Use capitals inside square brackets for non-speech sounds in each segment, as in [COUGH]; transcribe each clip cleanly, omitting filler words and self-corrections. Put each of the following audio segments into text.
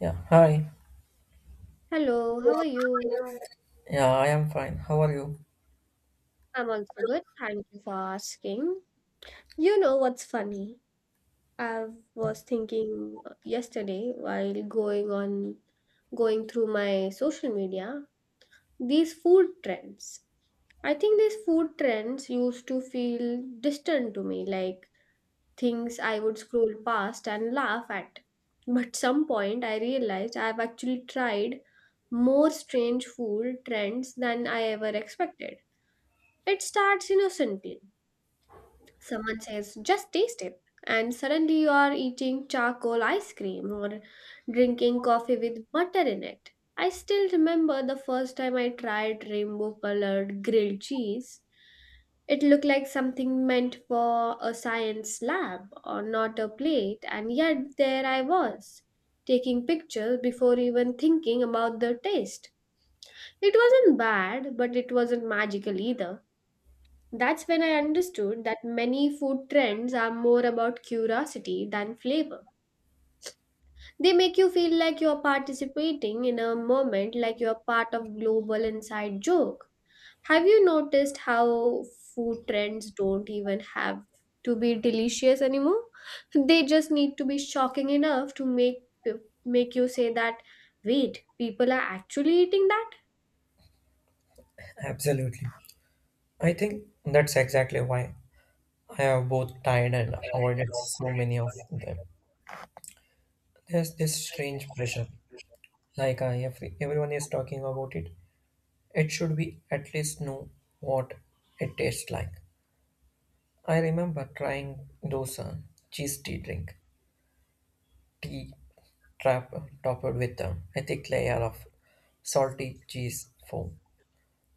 Yeah, hi. Hello, how are you? Yeah, I am fine. How are you? I'm also good. Thank you for asking. You know what's funny? I was thinking yesterday while going through my social media, these food trends. I think these food trends used to feel distant to me, like things I would scroll past and laugh at. But some point I realized I've actually tried more strange food trends than I ever expected. It starts innocently. Someone says, just taste it. And suddenly you are eating charcoal ice cream or drinking coffee with butter in it. I still remember the first time I tried rainbow colored grilled cheese. It looked like something meant for a science lab or not a plate, and yet there I was, taking pictures before even thinking about the taste. It wasn't bad, but it wasn't magical either. That's when I understood that many food trends are more about curiosity than flavor. They make you feel like you're participating in a moment, like you're part of global inside joke. Have you noticed how food trends don't even have to be delicious anymore? [LAUGHS] They just need to be shocking enough to make you say that wait, people are actually eating that? Absolutely. I think that's exactly why I have both tried and avoided so many of them. There's this strange pressure. If everyone is talking about it, it should be at least know what it tastes like. I remember trying those cheese tea drink, tea trap topped with a thick layer of salty cheese foam.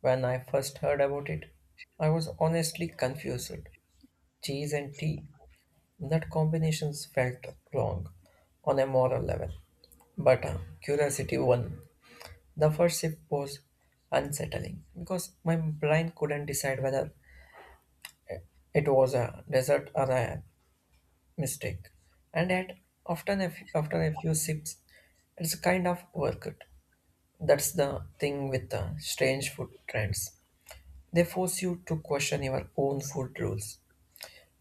When I first heard about it, I was honestly confused. Cheese and tea. That combinations felt wrong on a moral level, but curiosity won. The first sip was unsettling because my brain couldn't decide whether it was a dessert or a mistake, and yet after a few sips, it's kind of worth it. That's the thing with the strange food trends. They force you to question your own food rules.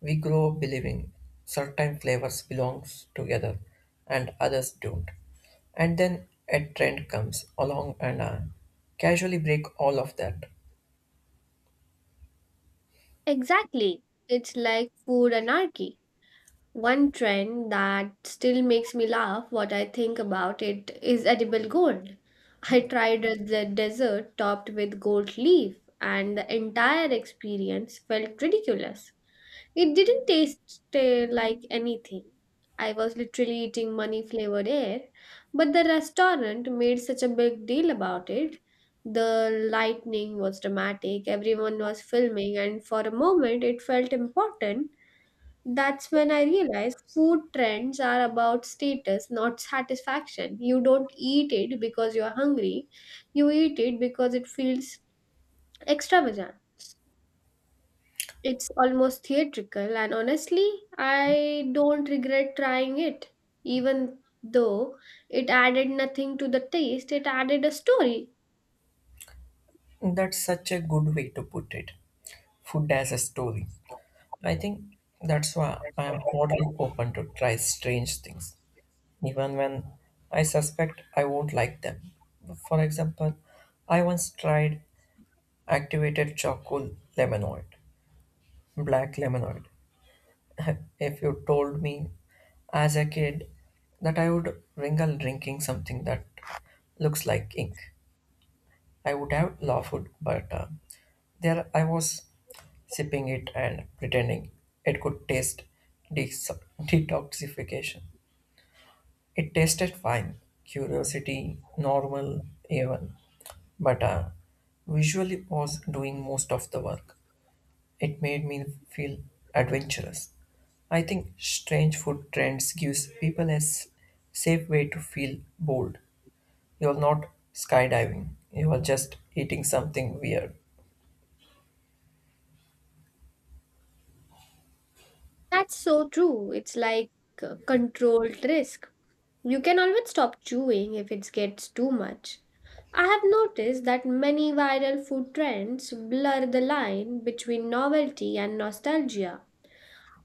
We grow up believing certain flavors belongs together and others don't. And then a trend comes along and casually break all of that. Exactly. It's like food anarchy. One trend that still makes me laugh what I think about it is edible gold. I tried the dessert topped with gold leaf and the entire experience felt ridiculous. It didn't taste like anything. I was literally eating money flavored air, but the restaurant made such a big deal about it. The lightning was dramatic, everyone was filming, and for a moment it felt important. That's when I realized food trends are about status, not satisfaction. You don't eat it because you're hungry, you eat it because it feels extravagant. It's almost theatrical, and honestly, I don't regret trying it. Even though it added nothing to the taste, it added a story. That's such a good way to put it. Food as a story. I think that's why I am totally open to try strange things, even when I suspect I won't like them. For example, I once tried activated charcoal lemonoid, black lemonoid, [LAUGHS] if you told me as a kid that I would wrinkle drinking something that looks like ink, I would have laughed, but there I was sipping it and pretending it could taste de- [LAUGHS] detoxification. It tasted fine, curiosity, normal, even, but visually was doing most of the work. It made me feel adventurous. I think strange food trends gives people a safe way to feel bold. You're not skydiving. You are just eating something weird. That's so true. It's like a controlled risk. You can always stop chewing if it gets too much. I have noticed that many viral food trends blur the line between novelty and nostalgia.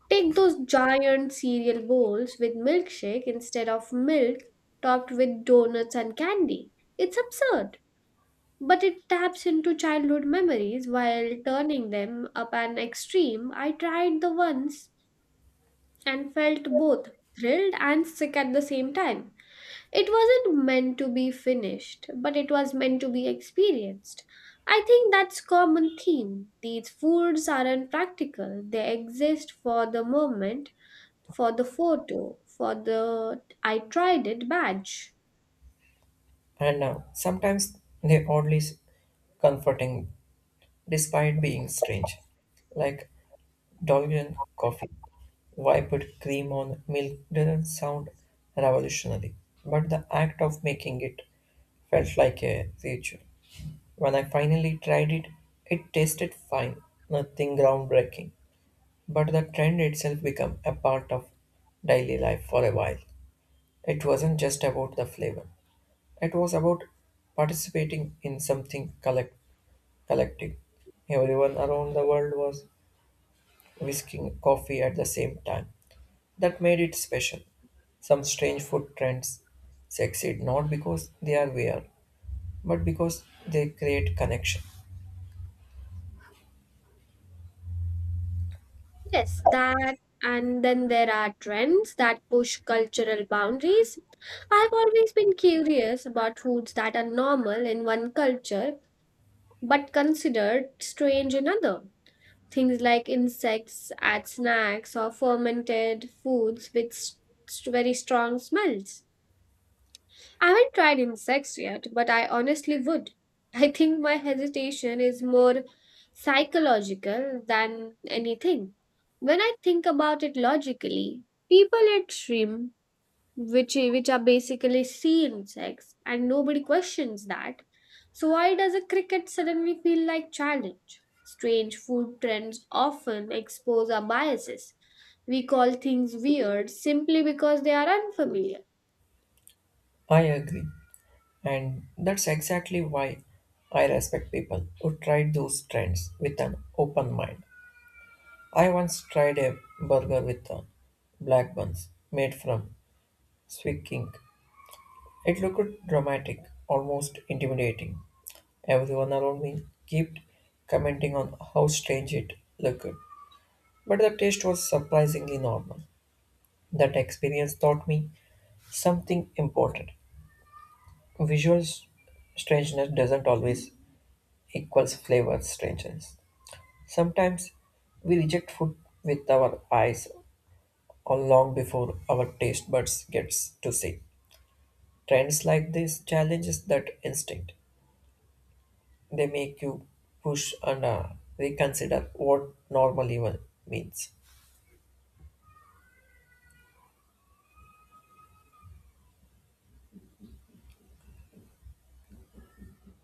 Take those giant cereal bowls with milkshake instead of milk topped with donuts and candy. It's absurd, but it taps into childhood memories while turning them up an extreme. I tried the ones and felt both thrilled and sick at the same time. It wasn't meant to be finished, but it was meant to be experienced. I think that's common theme. These foods aren't practical. They exist for the moment, for the photo, for the I tried it badge. And sometimes they oddly comforting despite being strange. Like Dolgen coffee. Why put cream on milk doesn't sound revolutionary, but the act of making it felt like a ritual. When I finally tried it, it tasted fine, nothing groundbreaking. But the trend itself became a part of daily life for a while. It wasn't just about the flavor, it was about participating in something collective. Everyone around the world was whisking coffee at the same time. That made it special. Some strange food trends succeed not because they are weird, but because they create connection. Yes, that and then there are trends that push cultural boundaries. I've always been curious about foods that are normal in one culture but considered strange in another. Things like insects as snacks or fermented foods with very strong smells. I haven't tried insects yet, but I honestly would. [LAUGHS] I think my hesitation is more psychological than anything. When I think about it logically, people eat shrimp which are basically seen insects and nobody questions that, so why does a cricket suddenly feel like challenge. Strange food trends often expose our biases. We call things weird simply because they are unfamiliar. I agree. And that's exactly why I respect people who try those trends with an open mind. I once tried a burger with black buns made from sweet ink. It looked dramatic, almost intimidating. Everyone around me kept commenting on how strange it looked, but the taste was surprisingly normal. That experience taught me something important. Visual strangeness doesn't always equals flavor strangeness. Sometimes we reject food with our eyes or long before our taste buds gets to see. Trends like this challenges that instinct. They make you push and reconsider what normal even means.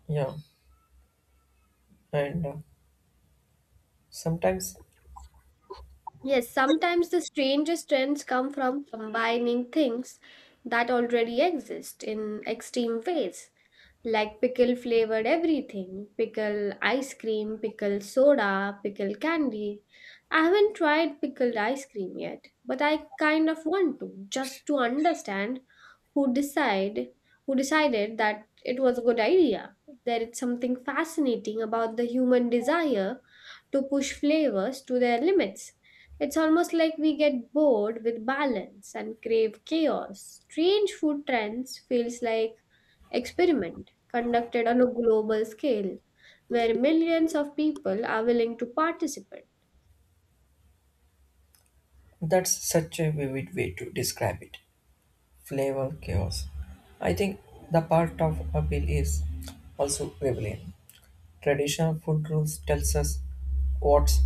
Yeah, and sometimes Yes, sometimes the strangest trends come from combining things that already exist in extreme ways, like pickle flavored everything, pickle ice cream, pickle soda, pickle candy. I haven't tried pickled ice cream yet, but I kind of want to just to understand who decide who decided that it was a good idea. There is something fascinating about the human desire to push flavors to their limits. It's almost like we get bored with balance and crave chaos. Strange food trends feels like experiment conducted on a global scale where millions of people are willing to participate. That's such a vivid way to describe it. Flavor chaos. I think the part of appeal is also rebellion. Traditional food rules tells us what's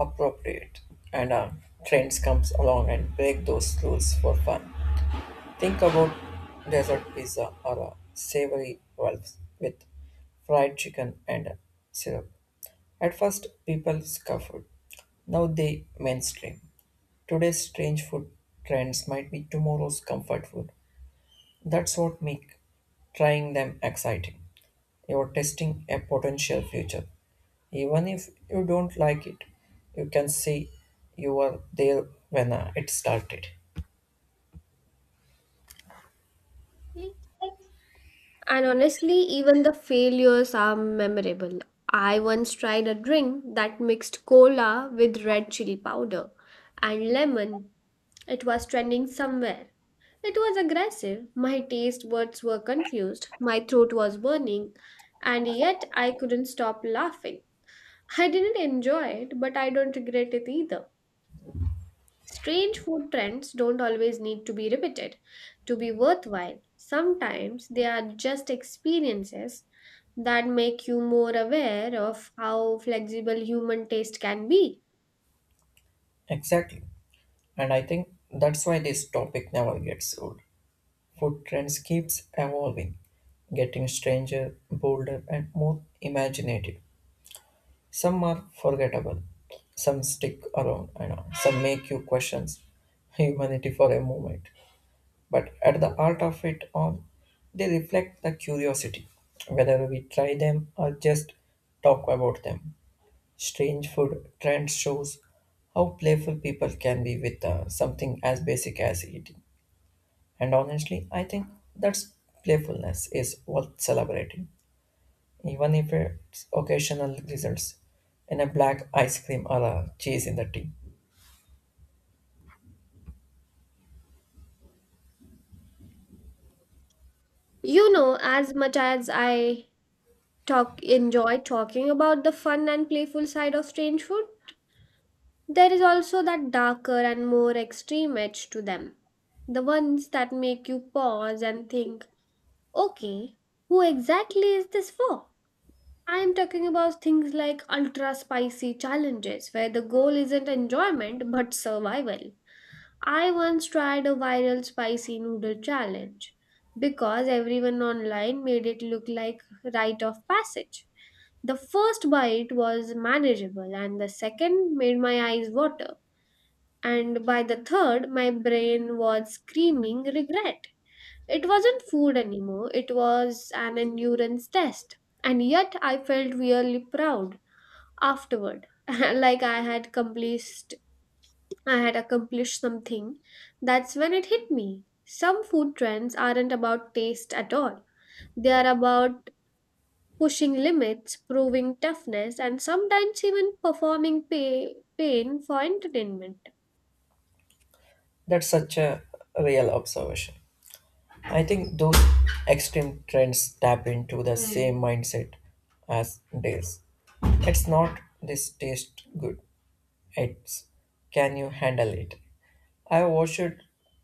appropriate, and trends comes along and break those rules for fun. Think about desert pizza or savory rolls with fried chicken and syrup. At first, people scoffed. Now they mainstream. Today's strange food trends might be tomorrow's comfort food. That's what makes trying them exciting. You're testing a potential future. Even if you don't like it, you can see you were there when it started. And honestly, even the failures are memorable. I once tried a drink that mixed cola with red chili powder and lemon. It was trending somewhere. It was aggressive. My taste buds were confused. My throat was burning. And yet I couldn't stop laughing. I didn't enjoy it, but I don't regret it either. Strange food trends don't always need to be repeated to be worthwhile. Sometimes they are just experiences that make you more aware of how flexible human taste can be. Exactly. And I think that's why this topic never gets old. Food trends keeps evolving, getting stranger, bolder and more imaginative. Some are forgettable, some stick around and some make you question humanity [LAUGHS] for a moment. But at the heart of it all, they reflect the curiosity, whether we try them or just talk about them. Strange food trends shows how playful people can be with something as basic as eating. And honestly, I think that's playfulness is worth celebrating, even if it's occasional results in a black ice cream or a cheese in the tea. You know, as much as I talk enjoy talking about the fun and playful side of strange food, there is also that darker and more extreme edge to them. The ones that make you pause and think, okay, who exactly is this for? I'm talking about things like ultra spicy challenges where the goal isn't enjoyment but survival. I once tried a viral spicy noodle challenge because everyone online made it look like rite of passage. The first bite was manageable and the second made my eyes water, and by the third my brain was screaming regret. It wasn't food anymore, it was an endurance test, and yet I felt really proud afterward. [LAUGHS] Like I had accomplished something. That's when it hit me, some food trends aren't about taste at all, they are about pushing limits, proving toughness, and sometimes even performing pain for entertainment. That's such a real observation. I think those extreme trends tap into the same mindset as theirs. It's not this taste good, it's can you handle it? I watched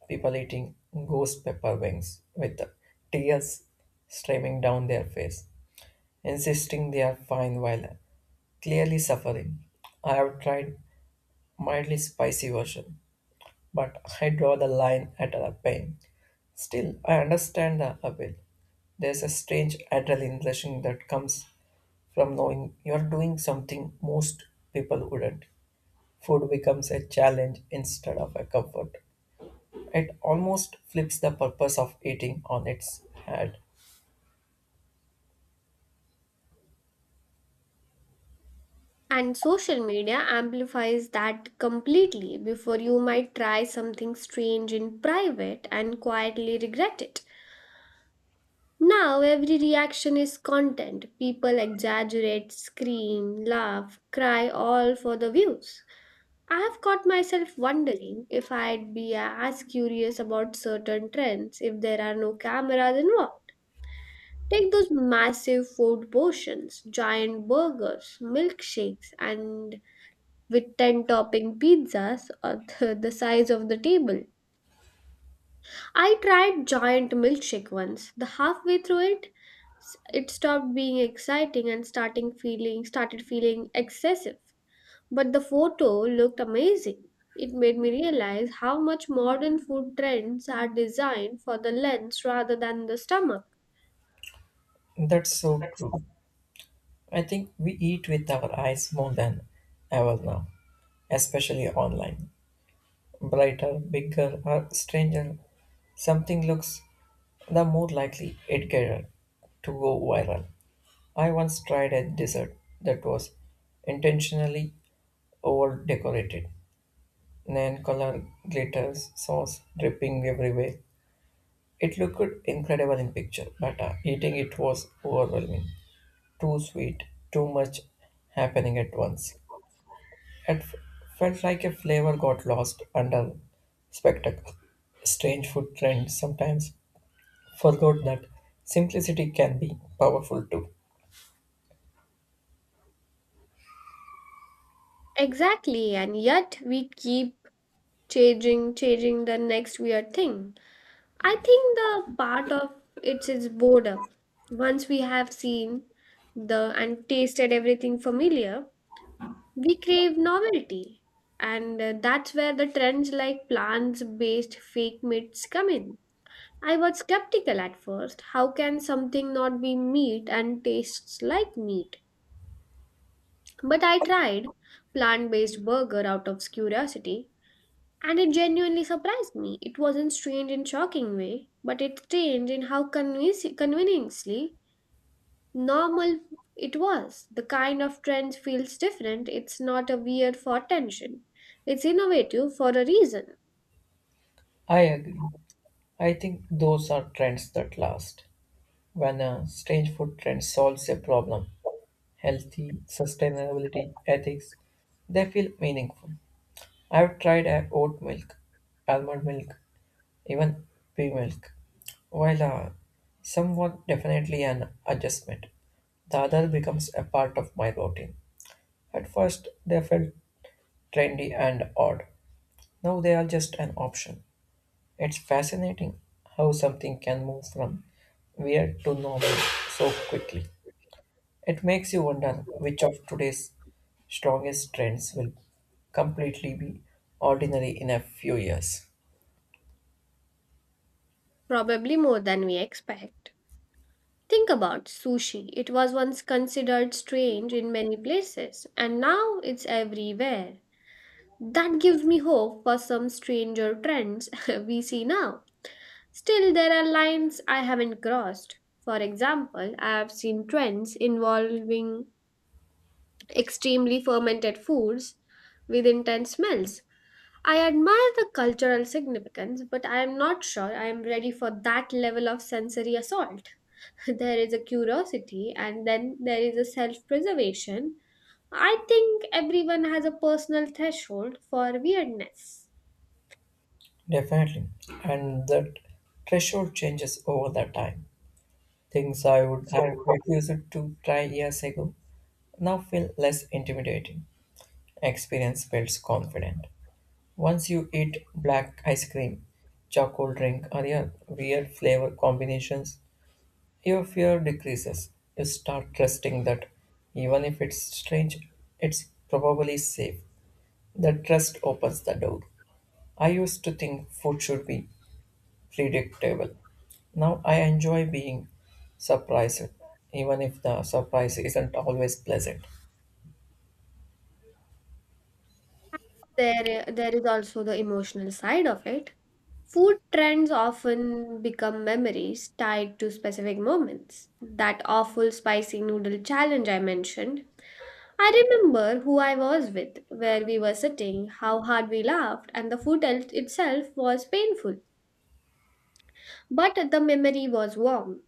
people eating ghost pepper wings with tears streaming down their face, insisting they are fine while clearly suffering. I have tried mildly spicy version, but I draw the line at the pain. Still, I understand the appeal. There's a strange adrenaline rushing that comes from knowing you're doing something most people wouldn't. Food becomes a challenge instead of a comfort. It almost flips the purpose of eating on its head. And social media amplifies that completely. Before, you might try something strange in private and quietly regret it. Now every reaction is content. People exaggerate, scream, laugh, cry, all for the views. I have caught myself wondering if I'd be as curious about certain trends if there are no cameras involved. Take those massive food portions, giant burgers, milkshakes, and with 10 topping pizzas or [LAUGHS] the size of the table. I tried giant milkshake once. The Halfway through it, it stopped being exciting and starting feeling started feeling excessive. But the photo looked amazing. It made me realize how much modern food trends are designed for the lens rather than the stomach. That's so true. I think we eat with our eyes more than ever now, especially online. Brighter, bigger, or stranger something looks, the more likely it gets to go viral. I once tried a dessert that was intentionally over decorated, neon color glitters, sauce dripping everywhere. It looked incredible in picture, but eating it was overwhelming. Too sweet, too much happening at once. It felt like a flavor got lost under spectacle. Strange food trends sometimes forgot that simplicity can be powerful too. Exactly, and yet we keep changing the next weird thing. I think the part of it is boredom. Once we have seen the and tasted everything familiar, we crave novelty. And that's where the trends like plants based fake meats come in. I was skeptical at first. How can something not be meat and tastes like meat? But I tried plant based burger out of curiosity and it genuinely surprised me. It wasn't strange in shocking way, but it's strange in how convincingly normal it was. The kind of trend feels different. It's not a weird for attention. It's innovative for a reason, I agree. I think those are trends that last. When a strange food trend solves a problem, healthy, sustainability, ethics, they feel meaningful. I've tried oat milk, almond milk, even pea milk. While somewhat definitely an adjustment, the other becomes a part of my routine. At first, they felt trendy and odd. Now they are just an option. It's fascinating how something can move from weird to normal so quickly. It makes you wonder which of today's strongest trends will completely be ordinary in a few years. probably more than we expect. Think about sushi. It was once considered strange in many places, and now it's everywhere. That gives me hope for some stranger trends [LAUGHS] we see now. Still, there are lines I haven't crossed. For example, I have seen trends involving extremely fermented foods with intense smells. I admire the cultural significance, but I am not sure I am ready for that level of sensory assault. [LAUGHS] There is a curiosity, and then there is a self preservation. I think everyone has a personal threshold for weirdness. Definitely. And that threshold changes over the time. Things I would have refused to try years ago now feel less intimidating. Experience builds confidence. Once you eat black ice cream, charcoal drink, or your weird flavor combinations, your fear decreases. You start trusting that even if it's strange, it's probably safe. That trust opens the door. I used to think food should be predictable. Now I enjoy being surprised, even if the surprise isn't always pleasant. There is also the emotional side of it. Food trends often become memories tied to specific moments. That awful spicy noodle challenge I mentioned, I remember who I was with, where we were sitting, how hard we laughed, and the itself was painful. But the memory was warm.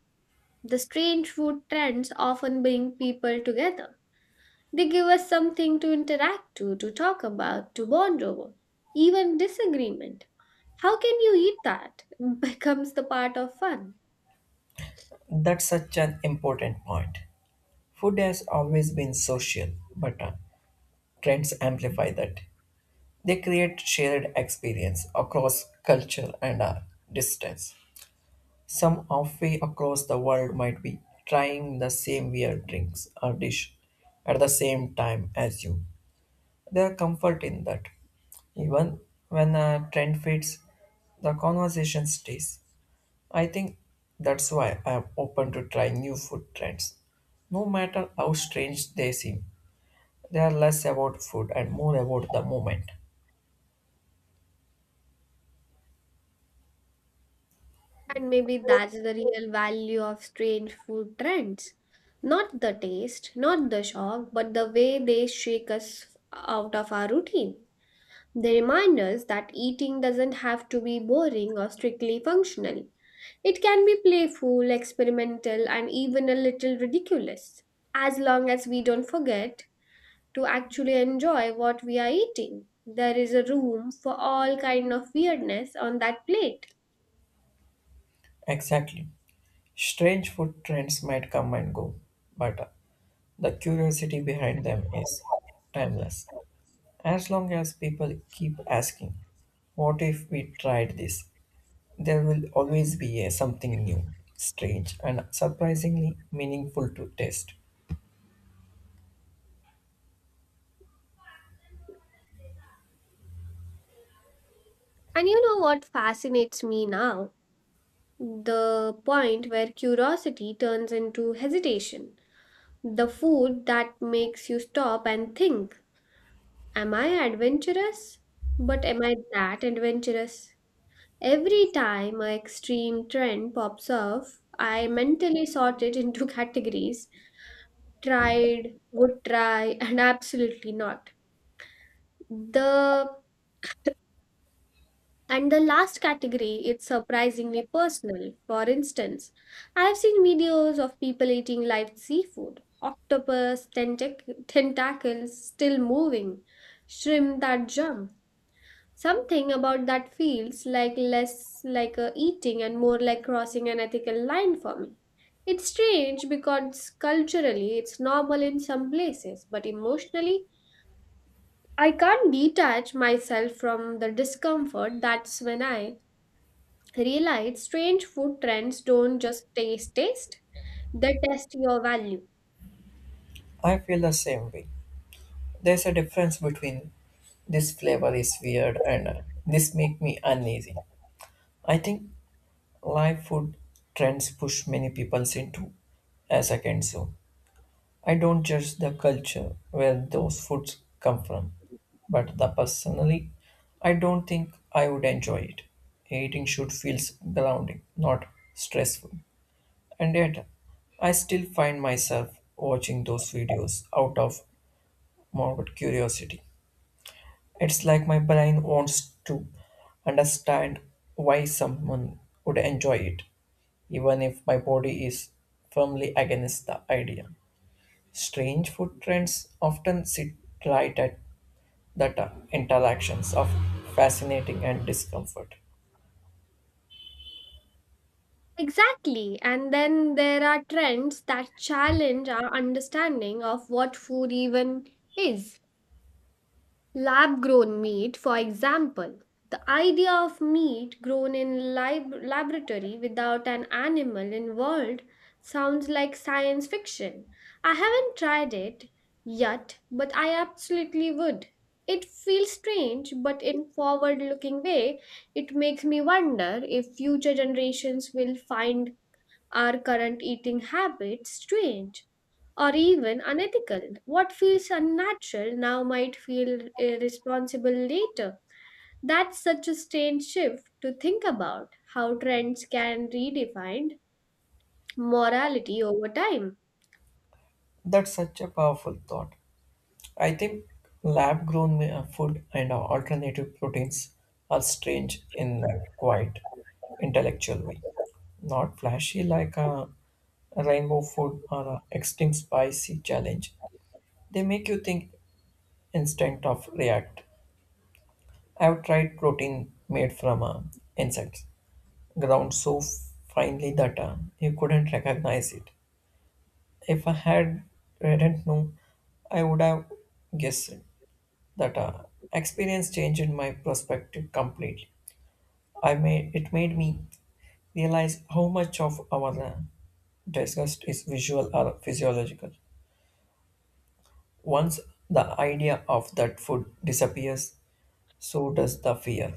The strange food trends often bring people together. They give us something to interact to talk about, to bond over, even disagreement. How can you eat that? [LAUGHS] Becomes the part of fun. That's such an important point. Food has always been social, but trends amplify that. They create shared experience across culture and distance. Some halfway across the world might be trying the same weird drinks or dish at the same time as you. There are comfort in that. Even when a trend fades, the conversation stays. I think that's why I am open to trying new food trends. No matter how strange they seem, they are less about food and more about the moment. And maybe that's the real value of strange food trends. Not the taste, not the shock, but the way they shake us out of our routine. They remind us that eating doesn't have to be boring or strictly functional. It can be playful, experimental, and even a little ridiculous, as long as we don't forget to actually enjoy what we are eating. There is a room for all kind of weirdness on that plate. Exactly. Strange food trends might come and go, but the curiosity behind them is timeless. As long as people keep asking, what if we tried this? There will always be a something new, strange, and surprisingly meaningful to taste. And you know what fascinates me now? The point where curiosity turns into hesitation. The food that makes you stop and think, am I adventurous? But am I that adventurous? Every time a extreme trend pops off, I mentally sort it into [LAUGHS] categories, tried, would try, and absolutely not. The the last category it's surprisingly personal. For instance, I've seen videos of people eating live seafood, octopus, tentacles still moving, shrimp that jump. Something about that feels like less like a eating and more like crossing an ethical line for me. It's strange because culturally it's normal in some places, but emotionally I can't detach myself from the discomfort. That's when I realize strange food trends don't just taste, they test your value. I feel the same way. There's a difference between this flavor is weird and this make me uneasy. I think live food trends push many people into a second zone. I don't judge the culture where those foods come from, but the personally, I don't think I would enjoy it. Eating should feel grounding, not stressful. And yet, I still find myself watching those videos out of morbid curiosity. It's like my brain wants to understand why someone would enjoy it, even if my body is firmly against the idea. Strange food trends often sit right at the interactions of fascinating and discomfort. Exactly. And then there are trends that challenge our understanding of what food even is. Lab grown meat, for example, the idea of meat grown in laboratory without an animal involved sounds like science fiction. I haven't tried it yet, but I absolutely would. It feels strange, but in forward looking way, it makes me wonder if future generations will find our current eating habits strange or even unethical. What feels unnatural now might feel irresponsible later. That's such a strange shift to think about how trends can redefine morality over time. That's such a powerful thought. I think lab grown food and alternative proteins are strange in a quite intellectual way. Not flashy like a rainbow food or a extreme spicy challenge. They make you think instant of react. I've tried protein made from insects ground so finely that you couldn't recognize it. If I had did not know. I would have guessed it. That experience changed my perspective completely. I made it made me realize how much of our disgust is visual or physiological. Once the idea of that food disappears, so does the fear.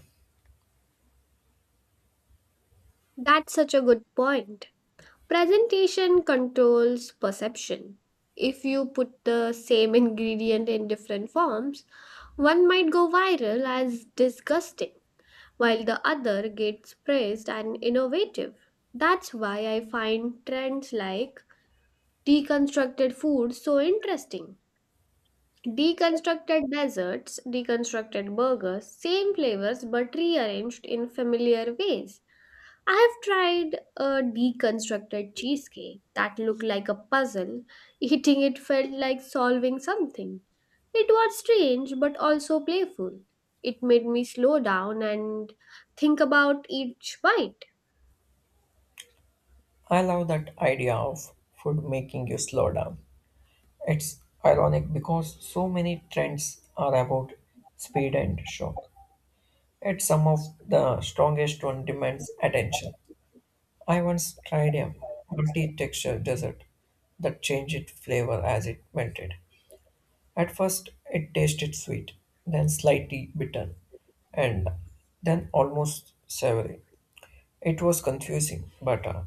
That's such a good point. Presentation controls perception. If you put the same ingredient in different forms, one might go viral as disgusting while the other gets praised and innovative. That's why I find trends like deconstructed food so interesting. Deconstructed desserts, deconstructed burgers, same flavors but rearranged in familiar ways. I have tried a deconstructed cheesecake that looked like a puzzle. Eating it felt like solving something. It was strange but also playful. It made me slow down and think about each bite. I love that idea of food making you slow down. It's ironic because so many trends are about speed and shock, yet some of the strongest one demands attention. I once tried a multi-texture dessert that changed its flavor as it melted. At first, it tasted sweet, then slightly bitter, and then almost savory. It was confusing, but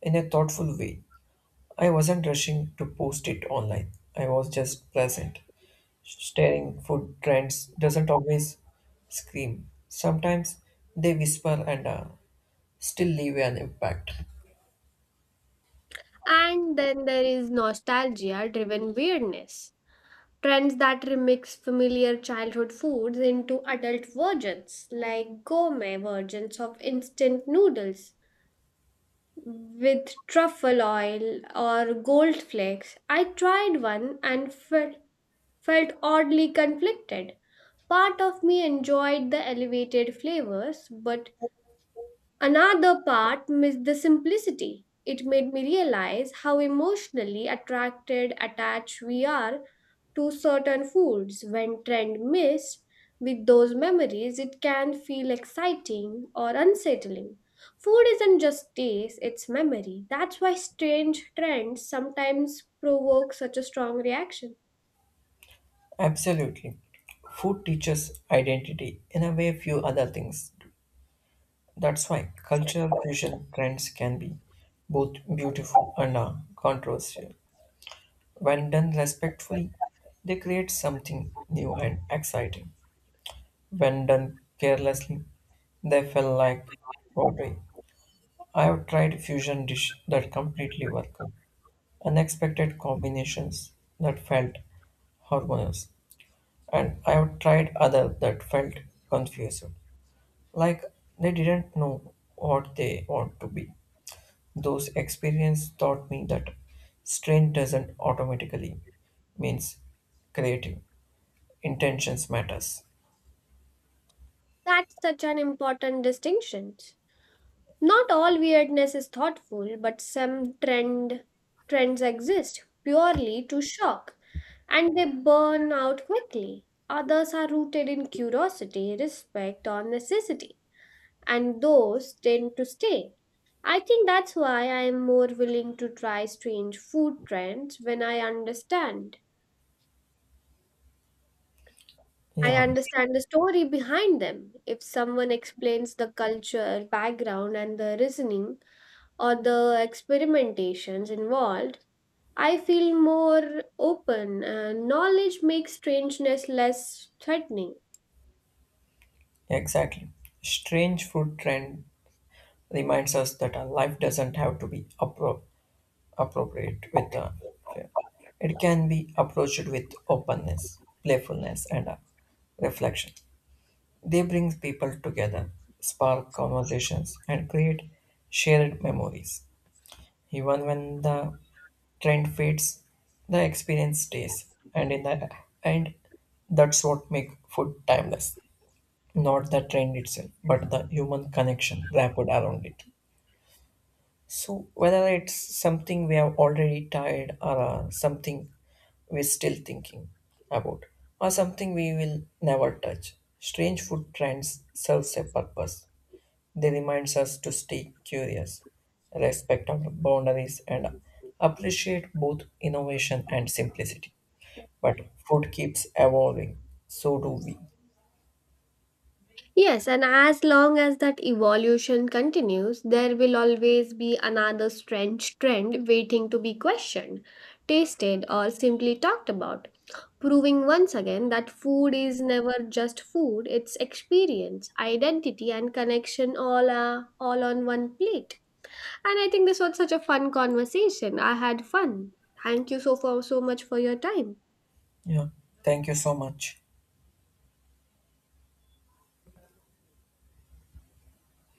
in a thoughtful way. I wasn't rushing to post it online. I was just present. Staring food trends doesn't always scream. Sometimes they whisper and still leave an impact. And then there is nostalgia driven weirdness. Trends that remix familiar childhood foods into adult versions, like gourmet versions of instant noodles with truffle oil or gold flakes. I tried one and felt oddly conflicted. Part of me enjoyed the elevated flavors, but another part missed the simplicity. It made me realize how emotionally attached we are to certain foods. When trend missed with those memories, it can feel exciting or unsettling. Food isn't just taste, it's memory. That's why strange trends sometimes provoke such a strong reaction. Absolutely. Food teaches identity in a way few other things. That's why cultural fusion trends can be both beautiful and controversial. When done respectfully, they create something new and exciting. When done carelessly, they feel like poetry. I have tried fusion dish that completely work, unexpected combinations that felt harmonious, and I have tried other that felt confused, like they didn't know what they want to be. Those experiences taught me that strain doesn't automatically means creative. Intentions matters. That's such an important distinction. Not all weirdness is thoughtful, but some trend trends exist purely to shock and they burn out quickly. Others are rooted in curiosity, respect, or necessity, and those tend to stay. I think that's why I am more willing to try strange food trends when I Yeah, understand the story behind them. If someone explains the culture, background, and the reasoning, or the experimentations involved, I feel more open, and knowledge makes strangeness less threatening. exactly. Strange food trend reminds us that our life doesn't have to be appropriate with the, yeah. It can be approached with openness playfulness and reflection. They bring people together, spark conversations and create shared memories. Even when the trend fades, the experience stays, and in the end, that's what makes food timeless, not the trend itself but the human connection wrapped around it. So, whether it's something we have already tried or something we're still thinking about or something we will never touch, strange food trends serves a purpose. They remind us to stay curious, respect our boundaries, and appreciate both innovation and simplicity. But food keeps evolving, so do we. Yes, and as long as that evolution continues, there will always be another strange trend waiting to be questioned, tasted, or simply talked about, proving once again that food is never just food, it's experience, identity, and connection are all on one plate. And I think this was such a fun conversation. I had fun. Thank you for so much for your time. Yeah, thank you so much.